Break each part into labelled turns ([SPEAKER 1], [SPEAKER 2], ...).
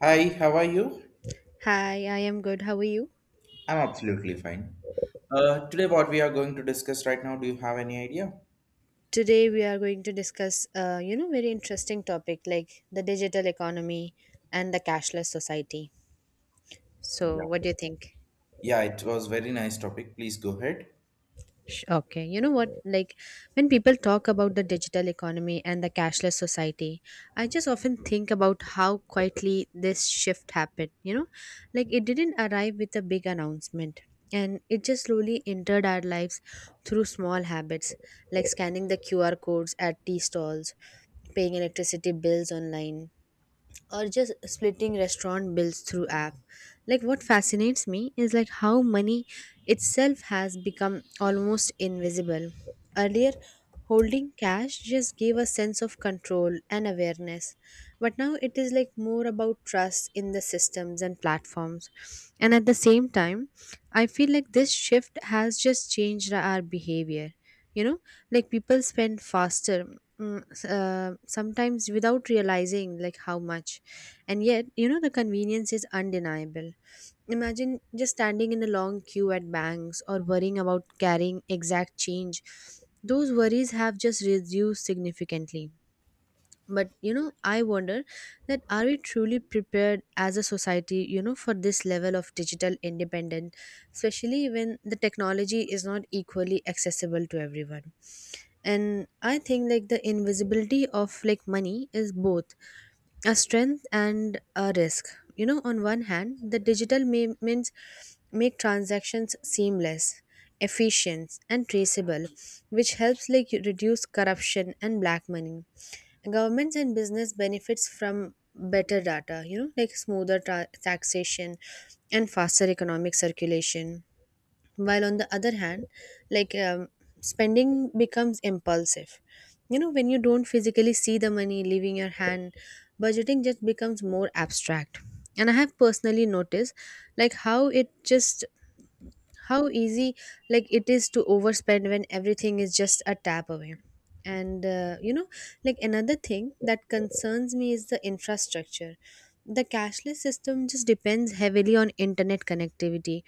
[SPEAKER 1] Hi, how are you?
[SPEAKER 2] Hi, I am good. How are you?
[SPEAKER 1] I'm absolutely fine. Today, what we are going to discuss right now, do you have any idea?
[SPEAKER 2] Today we are going to discuss, very interesting topic like the digital economy and the cashless society. So,
[SPEAKER 1] Yeah.
[SPEAKER 2] what do you think?
[SPEAKER 1] Yeah, it was very nice topic. Please go ahead.
[SPEAKER 2] Okay, you know what? Like when people talk about the digital economy and the cashless society, I just often think about how quietly this shift happened. You know, like it didn't arrive with a big announcement, and it just slowly entered our lives through small habits like scanning the QR codes at tea stalls, paying electricity bills online, or just splitting restaurant bills through app. Like what fascinates me is like how money itself has become almost invisible. Earlier, holding cash just gave a sense of control and awareness, but now it is like more about trust in the systems and platforms. And at the same time, I feel like this shift has just changed our behavior. You know, like people spend faster, sometimes without realizing like how much. And yet, you know, the convenience is undeniable. Imagine just standing in a long queue at banks or worrying about carrying exact change. Those worries have just reduced significantly. But, you know, I wonder that are we truly prepared as a society, you know, for this level of digital independence, especially when the technology is not equally accessible to everyone. And I think like the invisibility of like money is both a strength and a risk. You know, on one hand, the digital payments make transactions seamless, efficient, and traceable, which helps like reduce corruption and black money. Governments and business benefits from better data, you know, like smoother taxation and faster economic circulation. While on the other hand, like spending becomes impulsive. You know, when you don't physically see the money leaving your hand, budgeting just becomes more abstract. And I have personally noticed like how it just, how easy like it is to overspend when everything is just a tap away. And you know, like another thing that concerns me is the infrastructure. The cashless system just depends heavily on internet connectivity,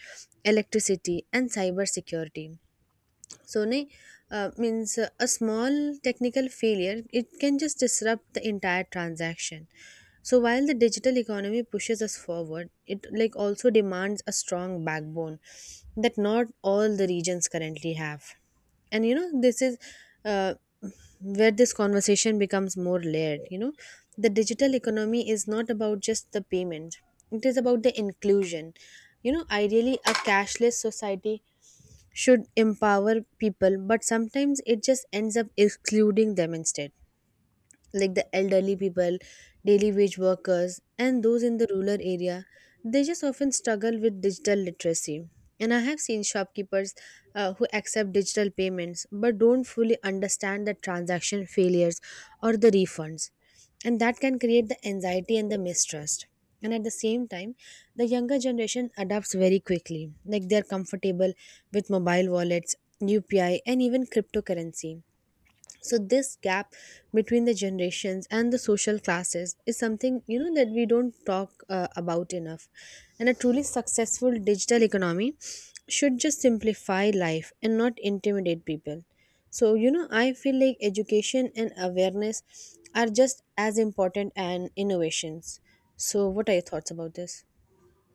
[SPEAKER 2] electricity, and cyber security. So nahi, means a small technical failure, it can just disrupt the entire transaction. So while the digital economy pushes us forward, it like also demands a strong backbone that not all the regions currently have. And you know, this is uh, where this conversation becomes more layered. You know, the digital economy is not about just the payment, it is about the inclusion. You know, ideally a cashless society should empower people, but sometimes it just ends up excluding them instead. Like the elderly people, daily wage workers, and those in the rural area, they just often struggle with digital literacy. And I have seen shopkeepers who accept digital payments but don't fully understand the transaction failures or the refunds. And that can create the anxiety and the mistrust. And at the same time, the younger generation adapts very quickly. Like they're comfortable with mobile wallets, UPI, and even cryptocurrency. So this gap between the generations and the social classes is something, you know, that we don't talk about enough. And a truly successful digital economy should just simplify life and not intimidate people. So you know, I feel like education and awareness are just as important and innovations. So what are your thoughts about this?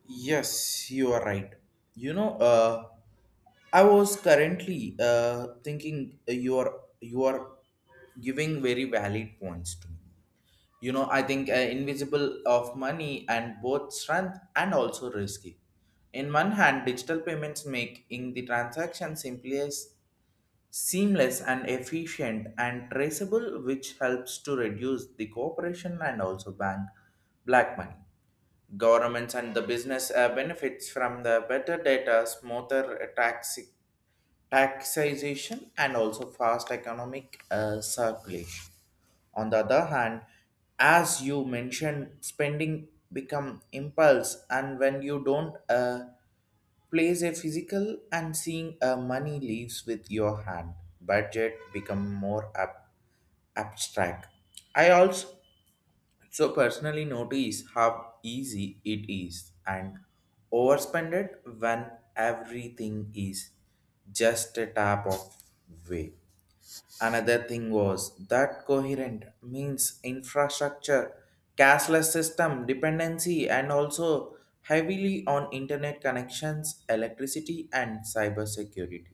[SPEAKER 1] Yes, you are right. You know, uh, I was currently thinking you are giving very valid points to me. You know, I think invisible of money and both strength and also risky. In one hand, digital payments making the transaction simpler, seamless and efficient and traceable, which helps to reduce the cooperation and also bank black money. Governments and the business benefits from the better data, smoother taxation, and also fast economic circulation. On the other hand, as you mentioned, spending become impulse, and when you don't place a physical and seeing a money leaves with your hand, budget become abstract. I also so personally notice how easy it is and overspend it when everything is just a tap of way. Another thing was that coherent means infrastructure, cashless system dependency, and also heavily on internet connections, electricity, and cybersecurity.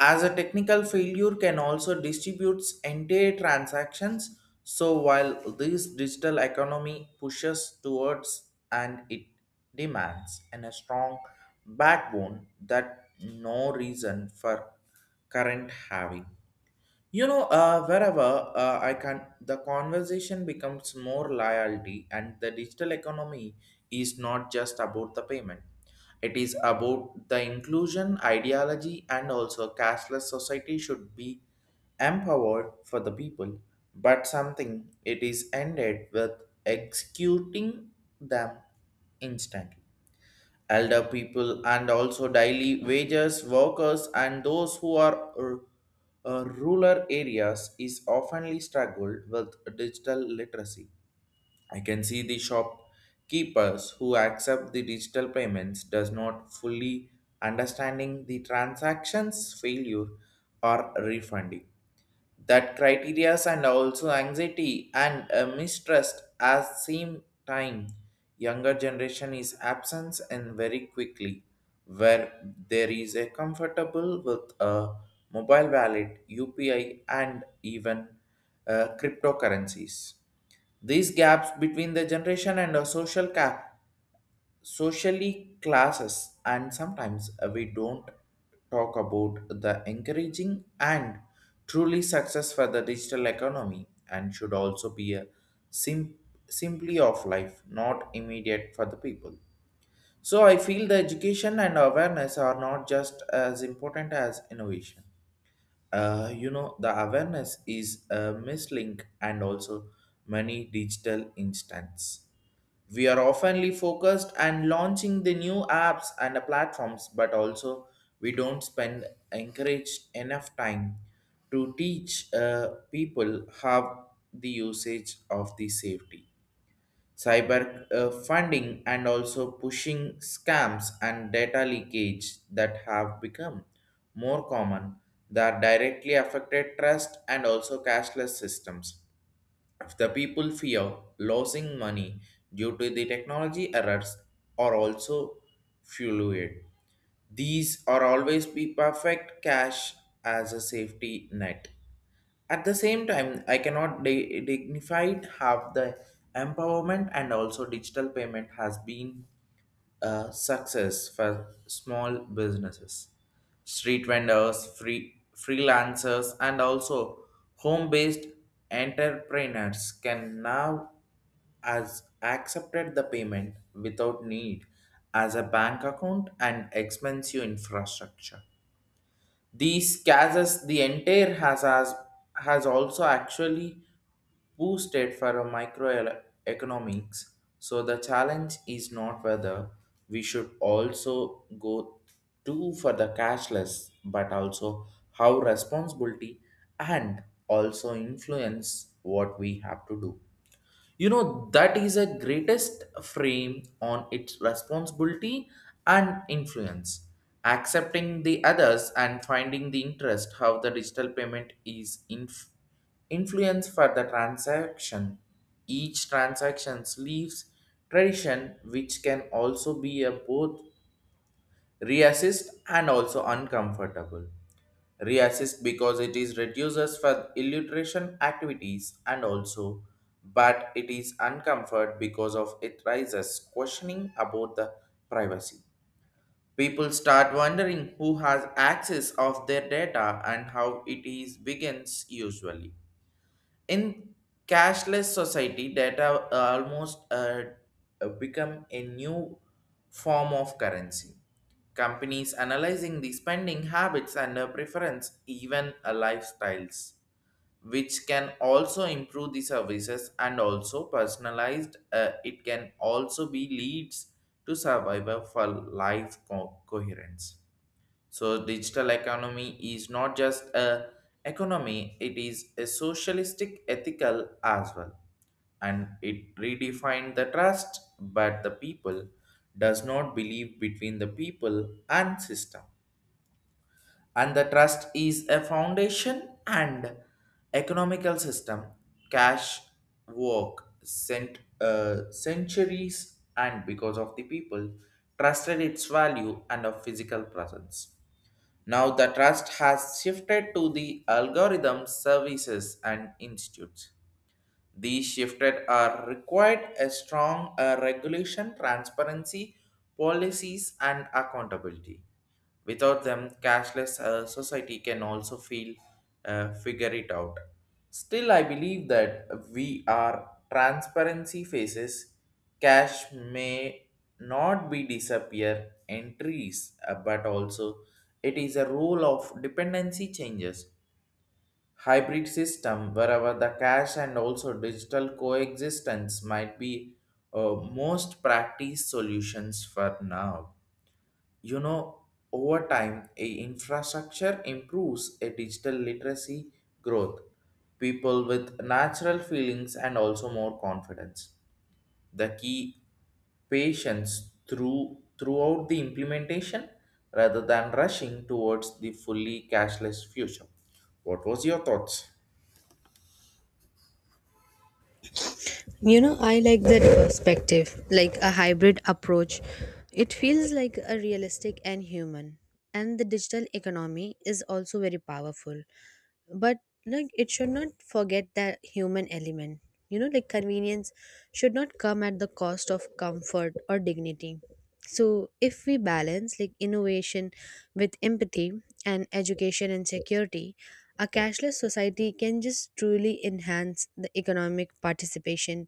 [SPEAKER 1] As a technical failure can also distributes entire transactions, so while this digital economy pushes towards and it demands and a strong backbone that no reason for current having. Wherever I can, the conversation becomes more loyalty, and the digital economy is not just about the payment. It is about the inclusion ideology, and also cashless society should be empowered for the people, but something it is ended with executing them instantly, elder people and also daily wages workers and those who are rural areas is oftenly struggled with digital literacy. I can see the shopkeepers who accept the digital payments does not fully understanding the transactions failure or refunding, that criterias and also anxiety and mistrust at same time. Younger generation is absence and very quickly where there is a comfortable with a mobile wallet, UPI, and even cryptocurrencies. These gaps between the generation and a social gap, socially classes, and sometimes we don't talk about the encouraging, and truly success for the digital economy and should also be a sim- simply of life not immediate for the people. So I feel the education and awareness are not just as important as innovation. You know, the awareness is a mislink, and also many digital instants we are oftenly focused and launching the new apps and the platforms, but also we don't spend encourage enough time to teach people how the usage of the safety, cyber funding, and also pushing scams and data leakage that have become more common, that directly affected trust and also cashless systems. If the people fear losing money due to the technology errors are also fueled. These are always be perfect cash as a safety net. At the same time, I cannot dignified have the empowerment, and also digital payment has been success for small businesses, street vendors, freelancers, and also home-based entrepreneurs can now as accepted the payment without need as a bank account and expensive infrastructure. These cases, the entire has also actually boosted for a microeconomics. So the challenge is not whether we should also go too for the cashless, but also how responsibility and also influence what we have to do. You know, that is a greatest frame on its responsibility and influence, accepting the others and finding the interest how the digital payment influence for the transaction. Each transaction leaves tradition, which can also be a both reassist and also uncomfortable. Reassist because it is reduces for illustration activities, and also but it is uncomfort because of it rises questioning about the privacy. People start wondering who has access of their data and how it is begins usually. In cashless society, data almost become a new form of currency. Companies analyzing the spending habits and preference, even lifestyles, which can also improve the services and also personalized, it can also be leads to survival for coherence. So digital economy is not just a economy, it is a socialistic ethical as well. And it redefined the trust, but the people does not believe between the people and system. And the trust is a foundation and economical system. Cash work sent centuries and because of the people trusted its value and of physical presence. Now the trust has shifted to the algorithms, services, and institutes. These shifted are required a strong regulation, transparency, policies, and accountability. Without them, cashless society can also feel figure it out. Still, I believe that we are transparency phases. Cash may not be disappear entries, but also it is a rule of dependency changes. Hybrid system wherever the cash and also digital coexistence might be most practice solutions for now. You know, over time a infrastructure improves, a digital literacy growth, people with natural feelings and also more confidence. The key patience through throughout the implementation rather than rushing towards the fully cashless future. What was your thoughts?
[SPEAKER 2] You know, I like that perspective, like a hybrid approach. It feels like a realistic and human. And the digital economy is also very powerful. But like it should not forget that human element. You know, like convenience should not come at the cost of comfort or dignity. So if we balance like innovation with empathy and education and security, a cashless society can just truly enhance the economic participation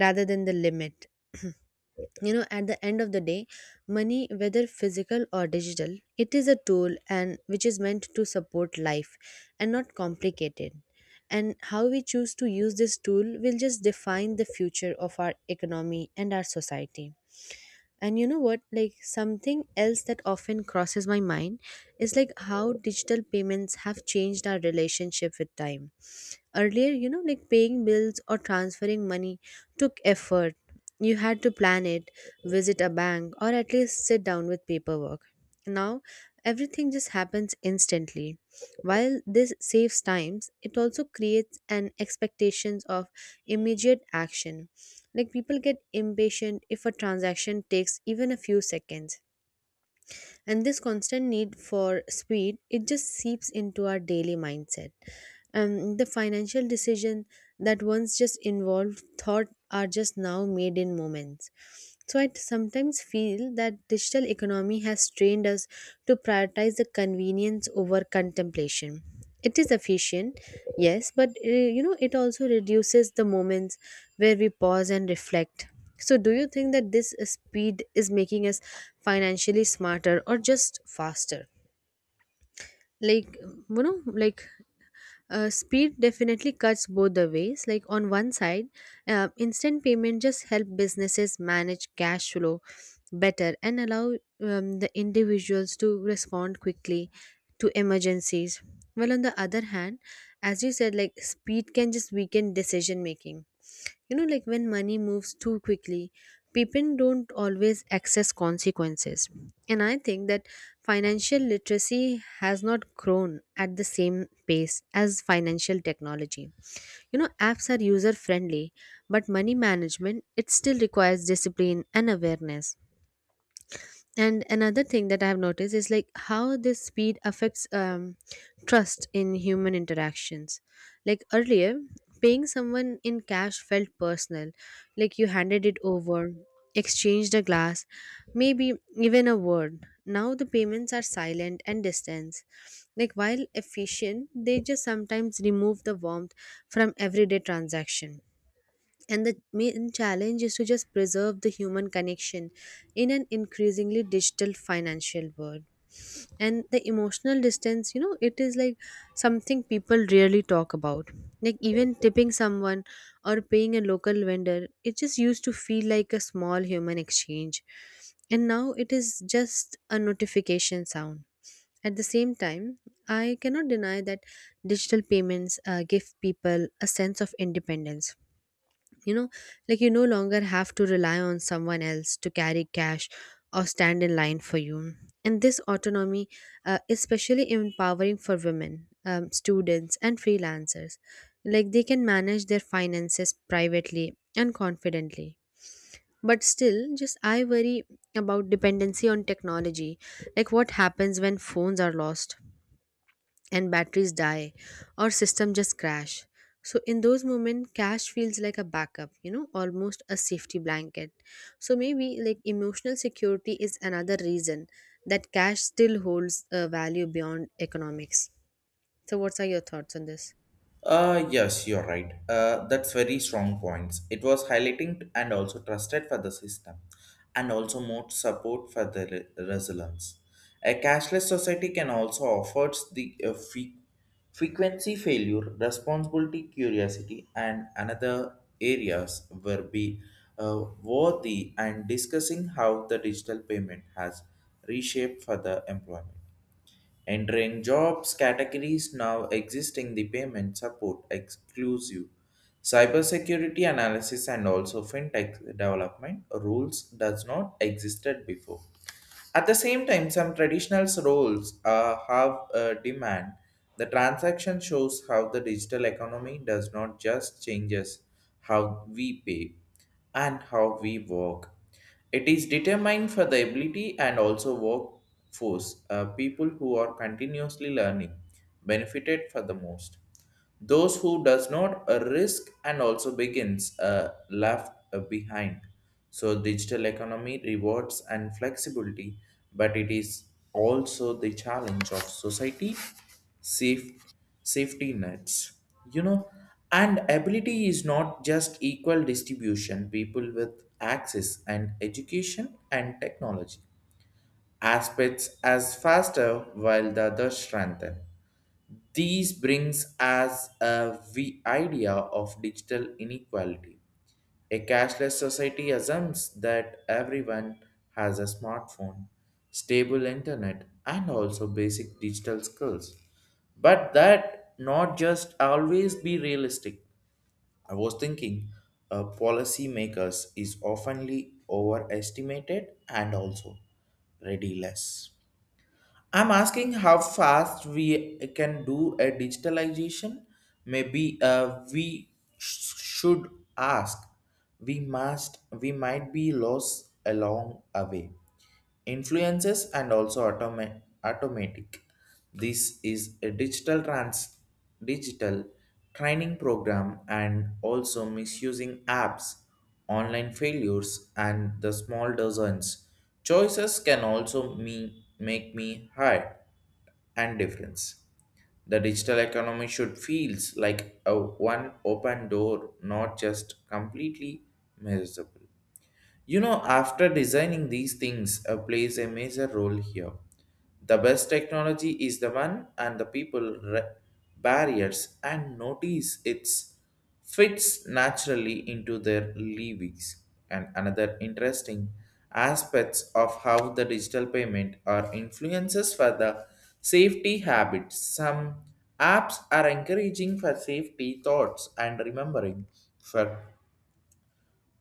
[SPEAKER 2] rather than the limit. You know, at the end of the day, money, whether physical or digital, it is a tool and which is meant to support life and not complicate it. And how we choose to use this tool will just define the future of our economy and our society. And you know what? Like something else that often crosses my mind is like how digital payments have changed our relationship with time. Earlier, you know, like paying bills or transferring money took effort. You had to plan it, visit a bank, or at least sit down with paperwork. Now, everything just happens instantly. While this saves times, it also creates an expectations of immediate action. Like people get impatient if a transaction takes even a few seconds, and this constant need for speed, it just seeps into our daily mindset. The financial decision that once just involved thought are just now made in moments. So I sometimes feel that digital economy has trained us to prioritize the convenience over contemplation. It is efficient, yes, but you know, it also reduces the moments where we pause and reflect. So do you think that this speed is making us financially smarter or just faster? like you know like Speed definitely cuts both the ways. Like on one side, instant payment just help businesses manage cash flow better and allow the individuals to respond quickly to emergencies. Well, on the other hand, as you said, like speed can just weaken decision making. You know, like when money moves too quickly, people don't always access consequences. And I think that financial literacy has not grown at the same pace as financial technology. You know, apps are user friendly, but money management, it still requires discipline and awareness. And another thing that I have noticed is like how this speed affects trust in human interactions. Like earlier, paying someone in cash felt personal. Like you handed it over, exchanged a glass, maybe even a word. Now the payments are silent and distance. Like while efficient, they just sometimes remove the warmth from everyday transaction. And the main challenge is to just preserve the human connection in an increasingly digital financial world. And the emotional distance, you know, it is like something people rarely talk about. Like even tipping someone or paying a local vendor, it just used to feel like a small human exchange. And now it is just a notification sound. At the same time, I cannot deny that digital payments give people a sense of independence. You know, like you no longer have to rely on someone else to carry cash or stand in line for you. And this autonomy is especially empowering for women, students, and freelancers. Like they can manage their finances privately and confidently. But still, just I worry about dependency on technology. Like what happens when phones are lost and batteries die or system just crash? So in those moments, cash feels like a backup, you know, almost a safety blanket. So maybe like emotional security is another reason that cash still holds a value beyond economics. So what are your thoughts on this?
[SPEAKER 1] Yes, you're right. That's very strong points. It was highlighting and also trusted for the system, and also more support for the resilience. A cashless society can also offer the frequency failure, responsibility, curiosity, and another areas will be worthy and discussing how the digital payment has reshaped for the employment. Entering jobs categories now existing the payment support exclusive cybersecurity analysis and also fintech development rules does not existed before. At the same time, some traditional roles have a demand. The transaction shows how the digital economy does not just changes how we pay and how we work. It is determined for the ability and also workforce, people who are continuously learning, benefited for the most. Those who does not risk and also begins left behind. So digital economy rewards and flexibility, but it is also the challenge of society safe safety nets. You know, and ability is not just equal distribution. People with access and education and technology aspects as faster while the other strengthen. These brings us a idea of digital inequality. A cashless society assumes that everyone has a smartphone, stable internet, and also basic digital skills. But that not just always be realistic. I was thinking policymakers is oftenly overestimated and also ready less. I'm asking how fast we can do a digitalization. Maybe we should ask. We must. We might be lost along a way influences and also automatic. This is a digital trans digital training program and also misusing apps, online failures, and the small dozens choices can also me make me hard and difference. The digital economy should feels like a one open door, not just completely miserable. You know, after designing these things plays a major role here. The best technology is the one and the people barriers and notice it's fits naturally into their livings. And another interesting aspects of how the digital payment are influences for the safety habits. Some apps are encouraging for safety thoughts and remembering for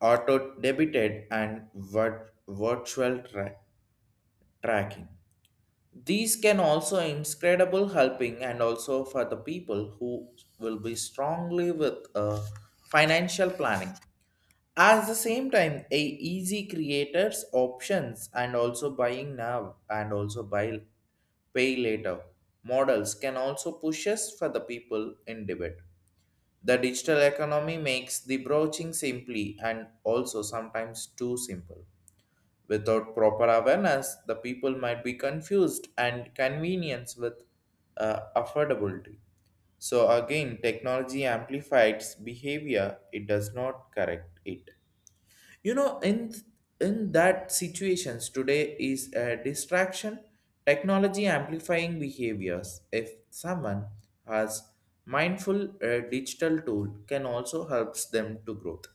[SPEAKER 1] auto debited and virtual tracking. These can also incredible helping and also for the people who will be strongly with financial planning. At the same time, a easy creators options and also buying now and also buy pay later models can also push us for the people in debit. The digital economy makes the broaching simply and also sometimes too simple. Without proper awareness, the people might be confused and convenience with affordability. So again, technology amplifies behavior, it does not correct it. In in that situations today is a distraction, technology amplifying behaviors. If someone has mindful digital tool can also helps them to growth.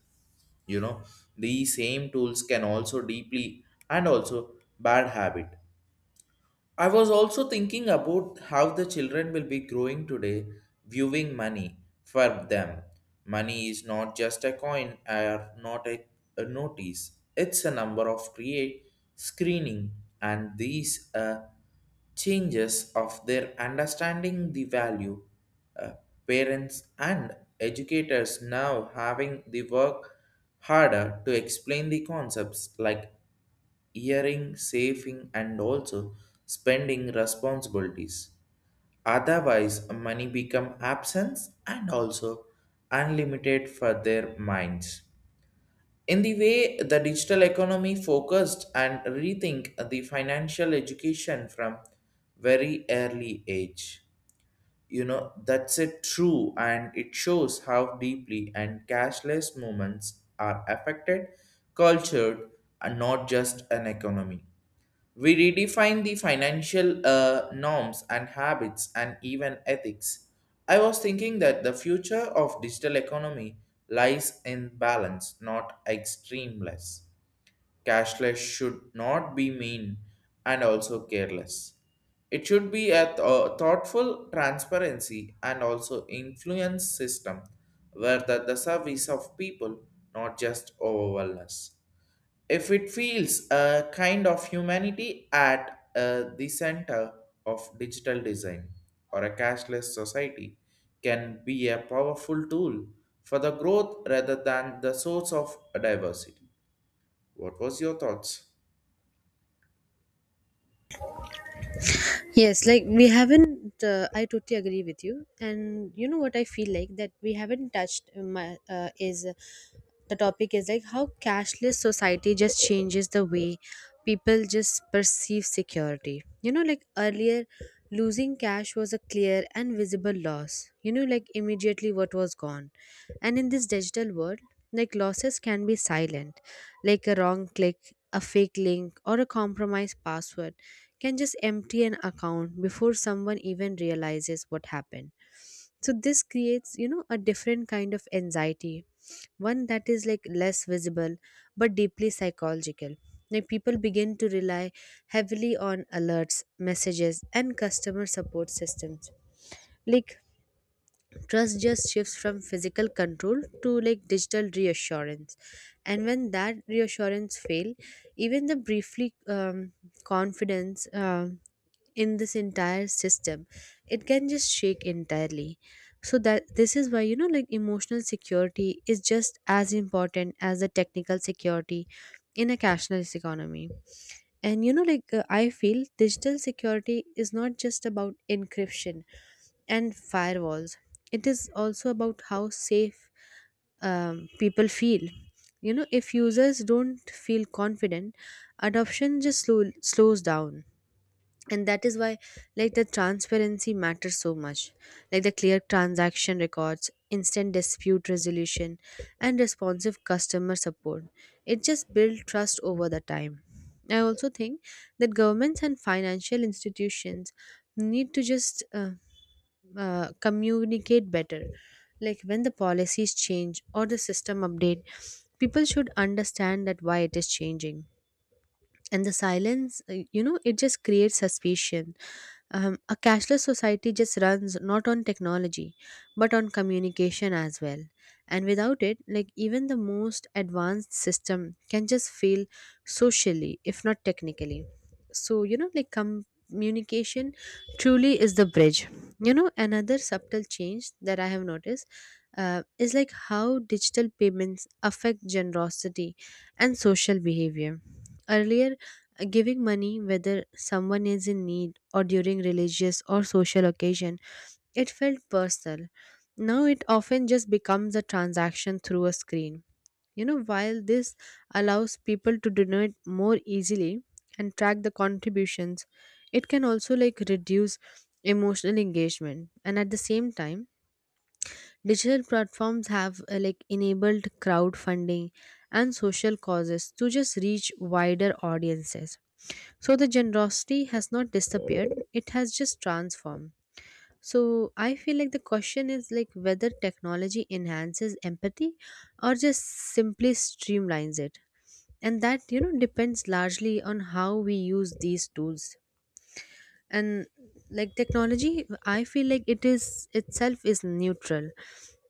[SPEAKER 1] You know, these same tools can also deeply and also bad habit. I was also thinking about how the children will be growing today, viewing money for them. Money is not just a coin or not a notice. It's a number of create screening, and these changes of their understanding the value. Uh, parents and educators now having the work harder to explain the concepts like earning, saving, and also spending responsibilities. Otherwise, money become absence and also unlimited for their minds. In the way the digital economy focused and rethink the financial education from very early age. You know, that's it true and it shows how deeply and cashless movements are affected, cultured, and not just an economy. We redefine the financial norms and habits and even ethics. I was thinking that the future of digital economy lies in balance, not extremeless. Cashless should not be mean and also careless. It should be a thoughtful transparency and also influence system where the service of people not just overwhelm us if it feels a kind of humanity at the center of digital design or a cashless society can be a powerful tool for the growth rather than the source of diversity. What was your thoughts?
[SPEAKER 2] Yes, like we haven't. I totally agree with you, and you know what, I feel like that we haven't touched. My is The topic is like how cashless society just changes the way people just perceive security. You know, like earlier, losing cash was a clear and visible loss. You know, like immediately what was gone, and in this digital world, like losses can be silent, like a wrong click, a fake link, or a compromised password can just empty an account before someone even realizes what happened. So this creates, you know, a different kind of anxiety, one that is like less visible but deeply psychological. Like people begin to rely heavily on alerts, messages, and customer support systems. Like trust just shifts from physical control to like digital reassurance. And when that reassurance fail, even the briefly, um, confidence in this entire system, it can just shake entirely. So that this is why, you know, like emotional security is just as important as the technical security in a cashless economy. And you know, like I feel digital security is not just about encryption and firewalls. It is also about how safe people feel. You know, if users don't feel confident, adoption just slows down. And that is why like the transparency matters so much. Like the clear transaction records, instant dispute resolution, and responsive customer support, it just builds trust over the time. I also think that governments and financial institutions need to just communicate better. Like when the policies change or the system update, people should understand that why it is changing. And the silence, you know, it just creates suspicion. A cashless society just runs not on technology but on communication as well. And without it, like even the most advanced system can just fail socially if not technically. So you know, like communication truly is the bridge. You know, another subtle change that I have noticed is like how digital payments affect generosity and social behavior. Earlier, giving money, whether someone is in need or during religious or social occasion, it felt personal. Now it often just becomes a transaction through a screen. You know, while this allows people to donate more easily and track the contributions, it can also like reduce emotional engagement. And at the same time, digital platforms have like enabled crowdfunding and social causes to just reach wider audiences. So the generosity has not disappeared, it has just transformed. So I feel like the question is like whether technology enhances empathy or just simply streamlines it. And that, you know, depends largely on how we use these tools. And like technology, I feel like it is itself is neutral.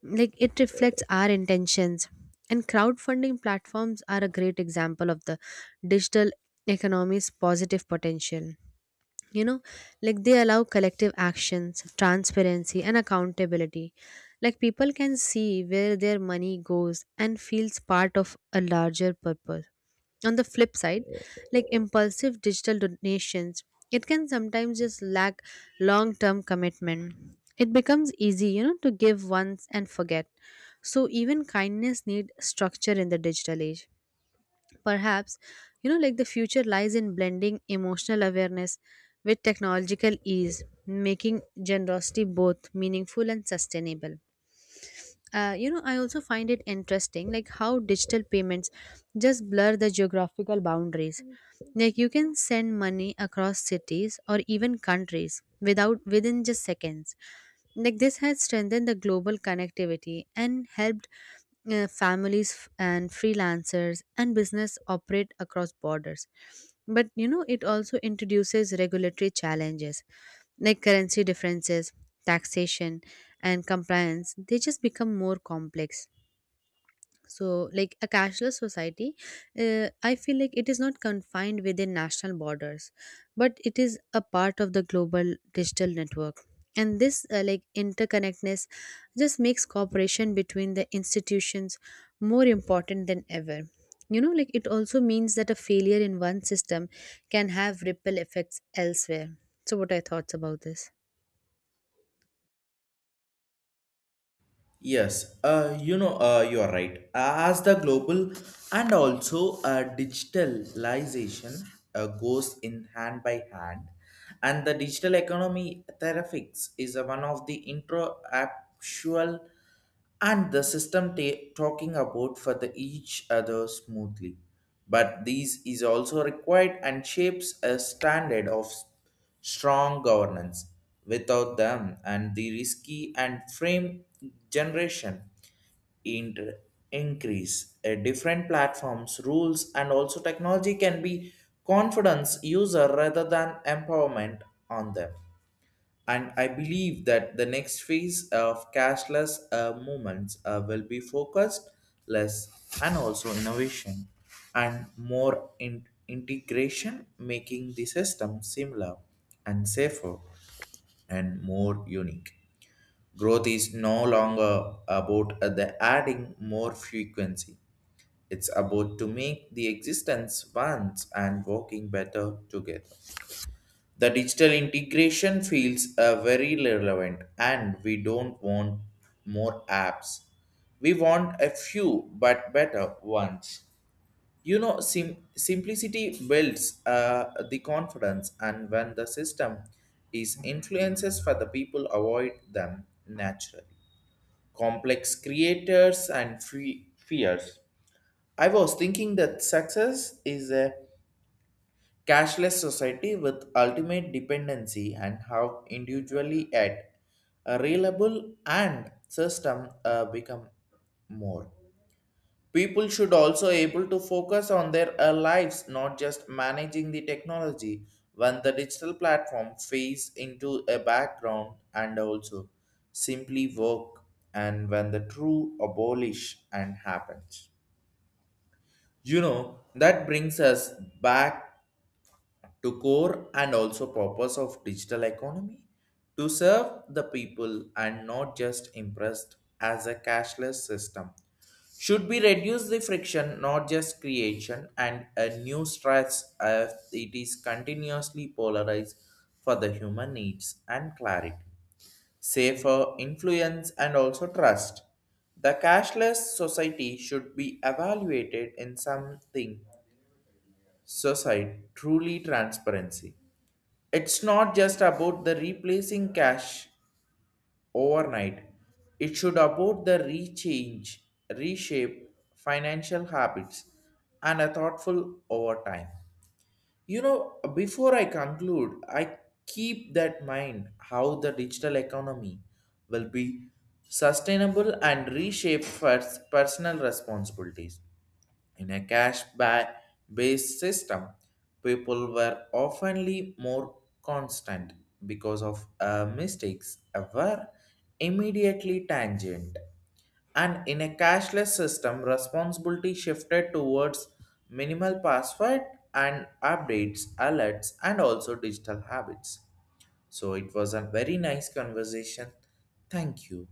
[SPEAKER 2] Like it reflects our intentions. And crowdfunding platforms are a great example of the digital economy's positive potential. You know, like they allow collective actions, transparency, and accountability. Like people can see where their money goes and feels part of a larger purpose. On the flip side, like impulsive digital donations, it can sometimes just lack long term commitment. It becomes easy, you know, to give once and forget. So even kindness need structure in the digital age. Perhaps, you know, like the future lies in blending emotional awareness with technological ease, making generosity both meaningful and sustainable. You know, I also find it interesting, like how digital payments just blur the geographical boundaries. Like you can send money across cities or even countries without within just seconds. Like this has strengthened the global connectivity and helped families and freelancers and business operate across borders. But you know, it also introduces regulatory challenges, like currency differences, taxation, and compliance, they just become more complex. So like a cashless society, I feel like it is not confined within national borders, but it is a part of the global digital network. And this like interconnectedness just makes cooperation between the institutions more important than ever. You know, like it also means that a failure in one system can have ripple effects elsewhere. So what are your thoughts about this?
[SPEAKER 1] Yes, you are right. As the global and also digitalization goes in hand by hand, and the digital economy therapeutics is one of the intro actual and the system talking about for the each other smoothly, but these is also required and shapes a standard of strong governance. Without them and the risky and frame generation, inter- increase a different platforms rules and also technology can be confidence user rather than empowerment on them. And I believe that the next phase of cashless movements will be focused less and also innovation and more integration, making the system similar and safer and more unique. Growth is no longer about the adding more frequency. It's about to make the existence once and working better together. The digital integration feels very relevant, and we don't want more apps. We want a few but better ones. You know, simplicity builds the confidence, and when the system is influences for the people, avoid them naturally. Complex creators and free fears. I was thinking that success is a cashless society with ultimate dependency and how individually at a reliable and system become more. People should also able to focus on their lives, not just managing the technology when the digital platform fades into a background and also simply work, and when the true abolish and happens. You know, that brings us back to core and also purpose of digital economy to serve the people and not just impressed as a cashless system should be reduce the friction, not just creation and a new stress as it is continuously polarized for the human needs and clarity, safer influence and also trust. The cashless society should be evaluated in something society truly transparency. It's not just about the replacing cash overnight. It should about the rechange, reshape financial habits and a thoughtful over time. You know, before I conclude, I keep that mind how the digital economy will be sustainable and reshape first personal responsibilities. In a based system, people were oftenly more constant because of mistakes were immediately tangent. And in a cashless system, responsibility shifted towards minimal password and updates, alerts, and also digital habits. So it was a very nice conversation. Thank you.